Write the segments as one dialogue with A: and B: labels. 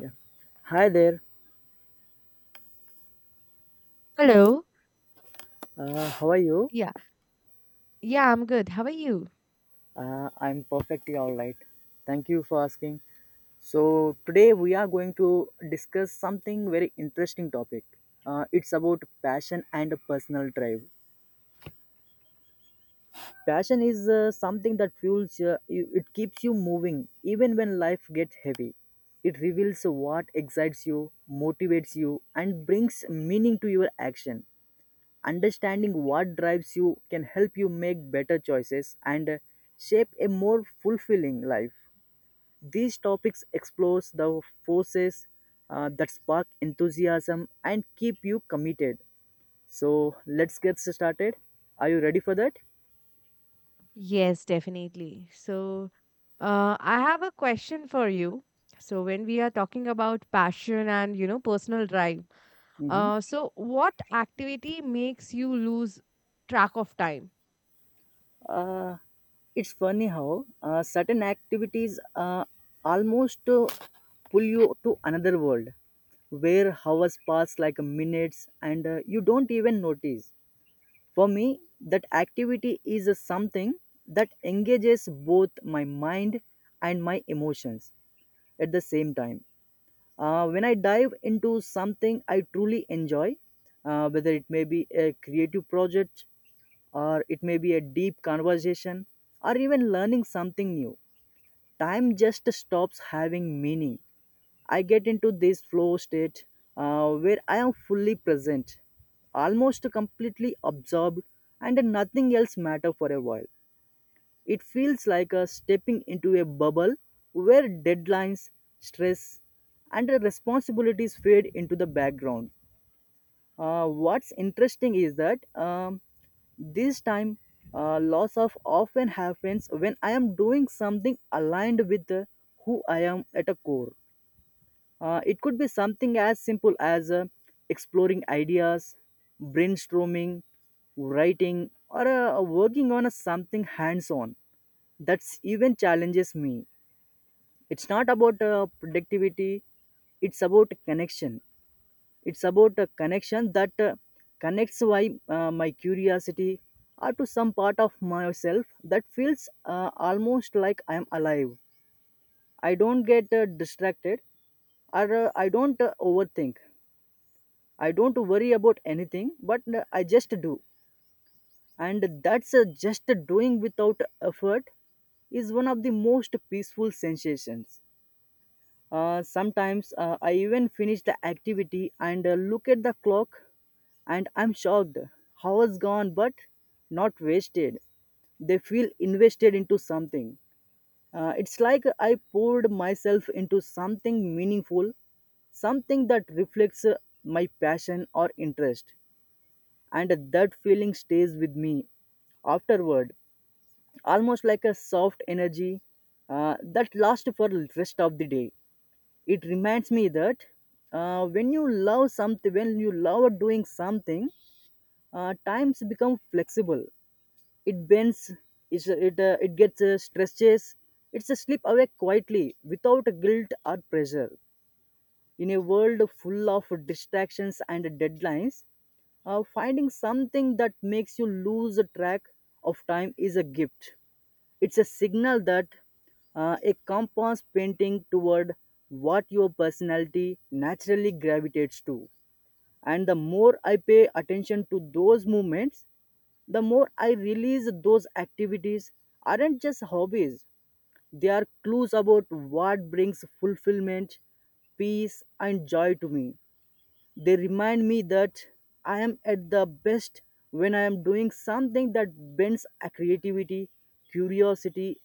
A: Yeah. Hi there.
B: Hello.
A: How are you?
B: Yeah, yeah, I'm good. How are you?
A: I'm perfectly all right. Thank you for asking. So today we are going to discuss something very interesting topic. It's about passion and personal drive. Passion is something that fuels you. It keeps you moving even when life gets heavy. It reveals what excites you, motivates you, and brings meaning to your action. Understanding what drives you can help you make better choices and shape a more fulfilling life. These topics explore the forces that spark enthusiasm and keep you committed. So let's get started. Are you ready for that?
B: Yes, definitely. So, I have a question for you. So, when we are talking about passion and personal drive,
A: Mm-hmm.
B: so what activity makes you lose track of time?
A: Uh, it's funny how certain activities almost pull you to another world where hours pass like minutes and you don't even notice. For me, that activity is a something that engages both my mind and my emotions at the same time. When I dive into something I truly enjoy, whether it may be a creative project or it may be a deep conversation or even learning something new, time just stops having meaning. I get into this flow state where I am fully present, almost completely absorbed, and nothing else matter for a while. It feels like a stepping into a bubble where deadlines, stress, and responsibilities fade into the background. What's interesting is that this time loss of often happens when I am doing something aligned with who I am at a core. It could be something as simple as exploring ideas, brainstorming, writing, or working on a something hands on that's even challenges me. It's not about productivity, it's about connection. It's about a connection that connects why my curiosity or to some part of myself that feels almost like I am alive. I don't get distracted or I don't overthink. I don't worry about anything, but I just do. And that's just doing without effort is one of the most peaceful sensations. Sometimes I even finish the activity and look at the clock and I'm shocked. Hours gone but not wasted. They feel invested into something. It's like I poured myself into something meaningful, something that reflects my passion or interest. And that feeling stays with me afterward, almost like a soft energy that lasts for the rest of the day. It reminds me that when you love something, when you love doing something, times become flexible. It bends, it gets stretches, it's a slip away quietly without guilt or pressure. In a world full of distractions and deadlines, finding something that makes you lose track of time is a gift. It's a signal that a compass painting toward what your personality naturally gravitates to. And the more I pay attention to those movements, the more I realize those activities aren't just hobbies. They are clues about what brings fulfillment, peace, and joy to me. They remind me that I am at the best when I am doing something that bends a creativity, curiosity,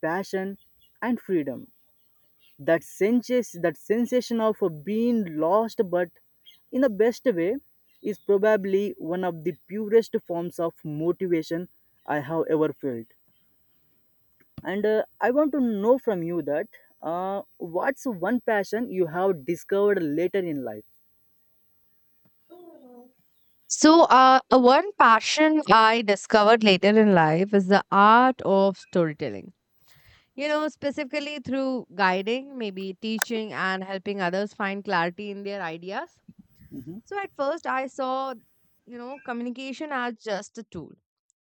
A: passion, and freedom. That sensation of being lost, but in the best way, is probably one of the purest forms of motivation I have ever felt. And I want to know from you that what's one passion you have discovered later in life?
B: So, one passion I discovered later in life is the art of storytelling. Specifically through guiding, maybe teaching, and helping others find clarity in their ideas.
A: Mhm.
B: So, at first, I saw communication as just a tool,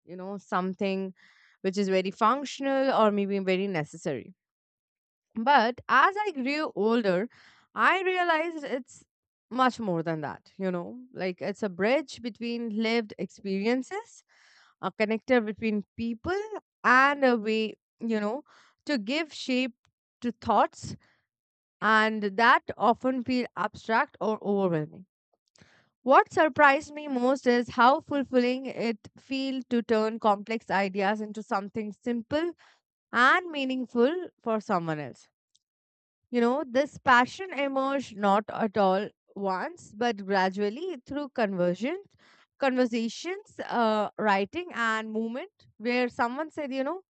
B: something which is very functional or maybe very necessary. But as I grew older, I realized it's much more than that, like it's a bridge between lived experiences, a connector between people, and a way, you know, to give shape to thoughts and that often feel abstract or overwhelming. What surprised me most is how fulfilling it feels to turn complex ideas into something simple and meaningful for someone else. This passion emerged not at all once, but gradually through conversations, writing, and movement, where someone said,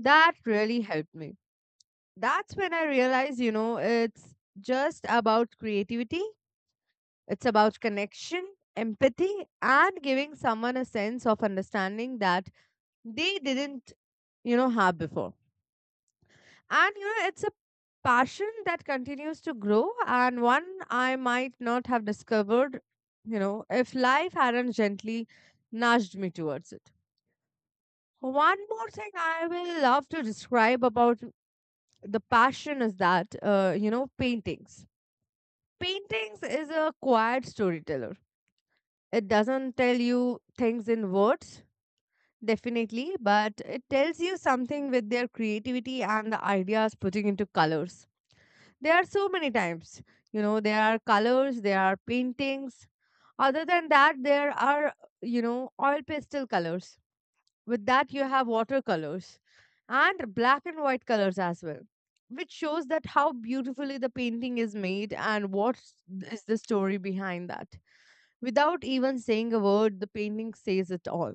B: that really helped me. That's when I realized, it's just about creativity, it's about connection, empathy, and giving someone a sense of understanding that they didn't, have before. And it's a passion that continues to grow, and one I might not have discovered, if life hadn't gently nudged me towards it. One more thing I will love to describe about the passion is that, paintings. Paintings is a quiet storyteller. It doesn't tell you things in words, definitely, but it tells you something with their creativity and the ideas putting into colors. There are so many types. There are colors, there are paintings. Other than that, there are, oil pastel colors. With that, you have watercolors and black and white colors as well, which shows that how beautifully the painting is made and what is the story behind that. Without even saying a word, the painting says it all.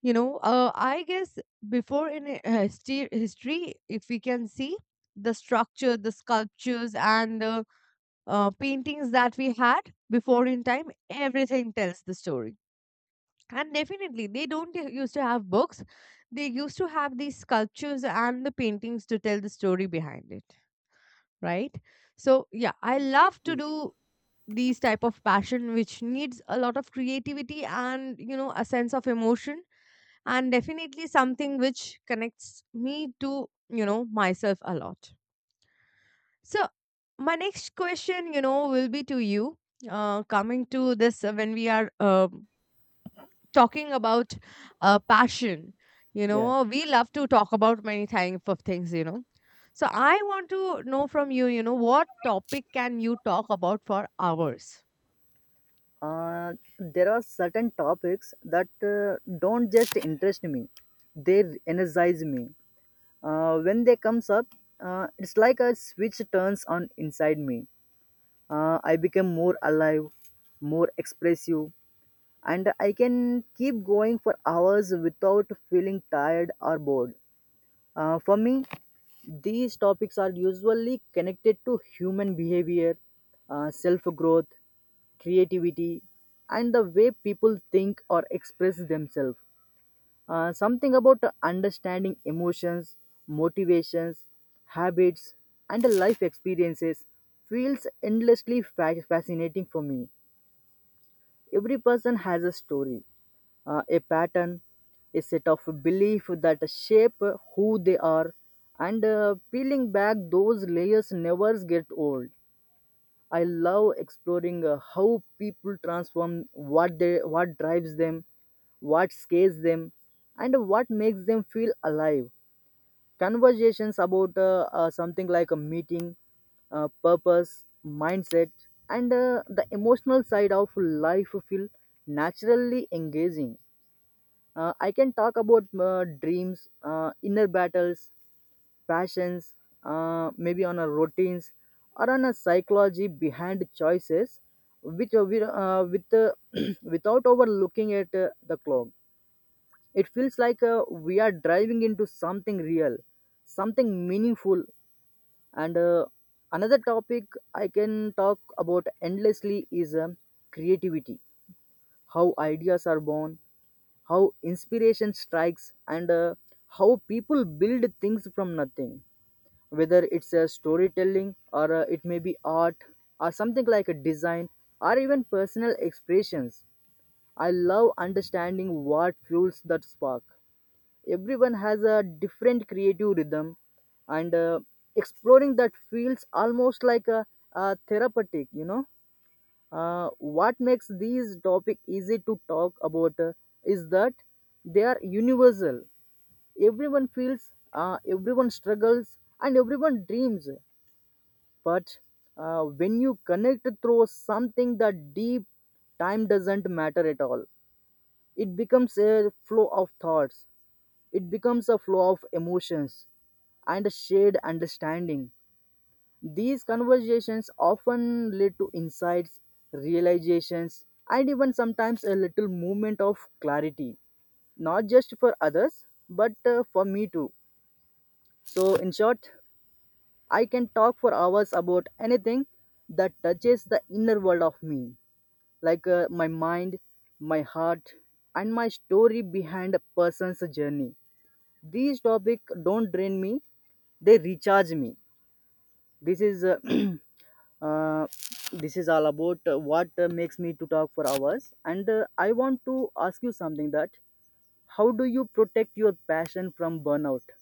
B: I guess before in history, if we can see the structure, the sculptures, and the paintings that we had before in time, everything tells the story. And definitely, they don't used to have books. They used to have these sculptures and the paintings to tell the story behind it, right? So, yeah, I love to do these type of passion, which needs a lot of creativity and a sense of emotion, and definitely something which connects me to myself a lot. So, my next question, will be to you. Coming to this, when we are talking about passion,
A: Yeah.
B: we love to talk about many type of things. So, I want to know from you, what topic can you talk about for hours?
A: There are certain topics that don't just interest me, they energize me when they comes up. It's like a switch turns on inside me. I become more alive, more expressive, and I can keep going for hours without feeling tired or bored. For me, these topics are usually connected to human behavior, self growth, creativity, and the way people think or express themselves. Something about understanding emotions, motivations, habits, and life experiences feels endlessly fascinating for me. Every person has a story, a pattern, a set of belief that shape who they are, and peeling back those layers never get old. I love exploring how people transform what they what drives them, what scares them, and what makes them feel alive. Conversations about something like a meeting, purpose, mindset, and the emotional side of life feel naturally engaging. I can talk about dreams, inner battles, passions, maybe on a routines or on a psychology behind choices, which we, with without overlooking at the clock. It feels like we are driving into something real, something meaningful, and another topic I can talk about endlessly is creativity. How ideas are born, how inspiration strikes, and how people build things from nothing, whether it's a storytelling or it may be art or something like a design or even personal expressions. I love understanding what fuels that spark. Everyone has a different creative rhythm, and exploring that feels almost like a therapeutic, you know. What makes these topic easy to talk about is that they are universal. Everyone feels, everyone struggles, and everyone dreams. But when you connect through something that deep, time doesn't matter at all. It becomes a flow of thoughts, it becomes a flow of emotions, and a shared understanding. These conversations often lead to insights, realizations, and even sometimes a little moment of clarity, not just for others, but for me too. So, in short, I can talk for hours about anything that touches the inner world of me, like my mind, my heart, and my story behind a person's journey. These topic don't drain me, they recharge me. This is uh, this is all about what makes me to talk for hours, and I want to ask you something, that how do you protect your passion from burnout?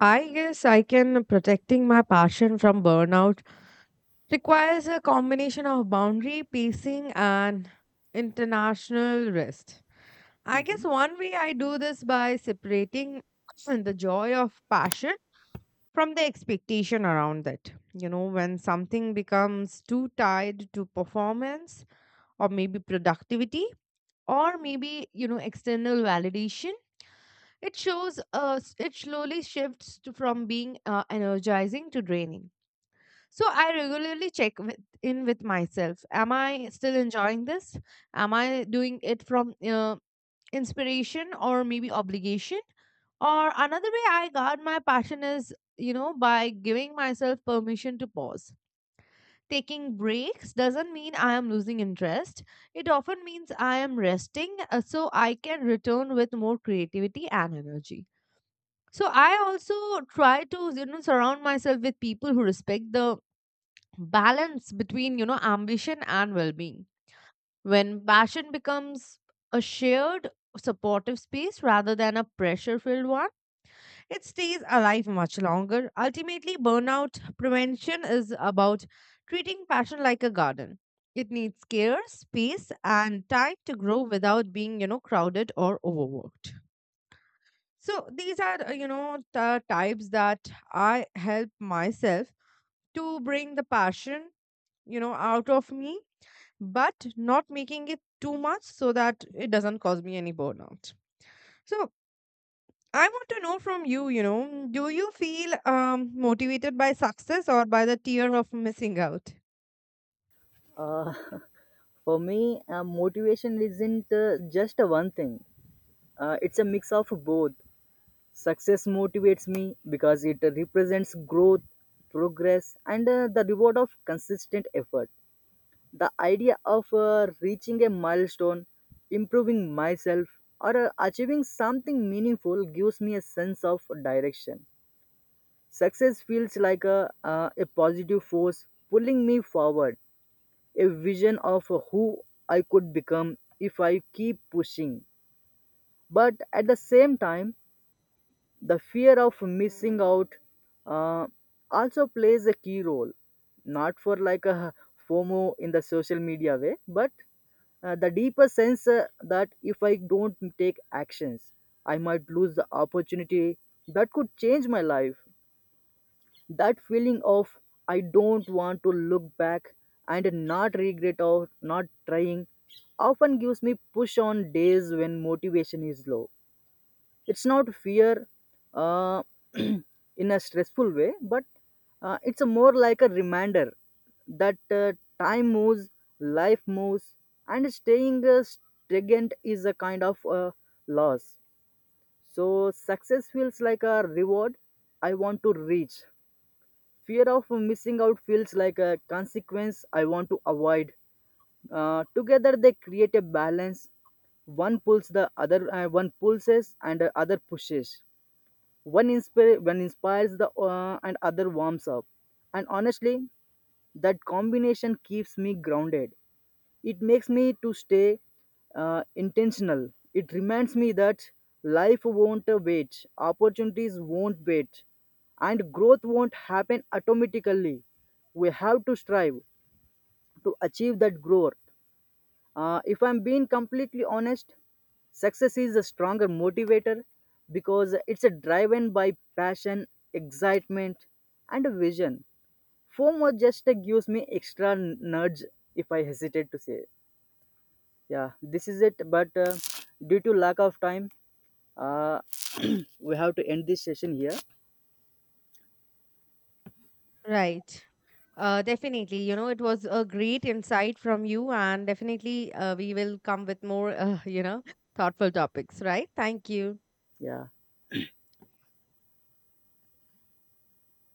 B: I guess I can protecting my passion from burnout requires a combination of boundary, pacing, and international rest. I guess
A: Mhm.
B: one way I do this by separating the joy of passion from the expectation around it. When something becomes too tied to performance or maybe productivity or maybe, external validation, it shows it slowly shifts from being energizing to draining. So I regularly check in with myself. Am I still enjoying this? Am I doing it from inspiration or maybe obligation? Or another way I guard my passion is, by giving myself permission to pause. Taking breaks doesn't mean I am losing interest. It often means I am resting, so I can return with more creativity and energy. So I also try to, surround myself with people who respect the balance between ambition and well-being. When passion becomes a shared, supportive space rather than a pressure filled one, it stays alive much longer. Ultimately, burnout prevention is about treating passion like a garden. It needs care, space, and time to grow without being crowded or overworked. So these are the types that I help myself to bring the passion out of me, but not making it too much so that it doesn't cause me any burnout. So I want to know from you, do you feel motivated by success or by the fear of missing out?
A: uh, for me, motivation isn't just a one thing. It's a mix of both. Success motivates me because it represents growth, progress, and the reward of consistent effort. The idea of reaching a milestone, improving myself, or achieving something meaningful gives me a sense of direction. Success feels like a positive force pulling me forward, a vision of who I could become if I keep pushing. But at the same time, the fear of missing out uh, also plays a key role, not for like a FOMO in the social media way, but the deeper sense that if I don't take actions I might lose the opportunity that could change my life. That feeling of I don't want to look back and not regret or not trying often gives me push on days when motivation is low. It's not fear uh, in a stressful way, but it's a more like a reminder that time moves, life moves, and staying stagnant is a kind of loss. So success feels like a reward I want to reach, fear of missing out feels like a consequence I want to avoid. Together they create a balance. One pulls the other, one pulses and the other pushes. One inspires the and other warms up. And honestly, that combination keeps me grounded. It makes me to stay intentional. It reminds me that life won't wait, opportunities won't wait, and growth won't happen automatically. We have to strive to achieve that growth. If I'm being completely honest, success is a stronger motivator because it's a driven by passion, excitement, and a vision. FOMO just gives me extra nudge if I hesitate to say, yeah, this is it. But due to lack of time, uh, we have to end this session here.
B: Right. Definitely. It was a great insight from you, and definitely we will come with more, thoughtful topics, right? Thank you.
A: Yeah.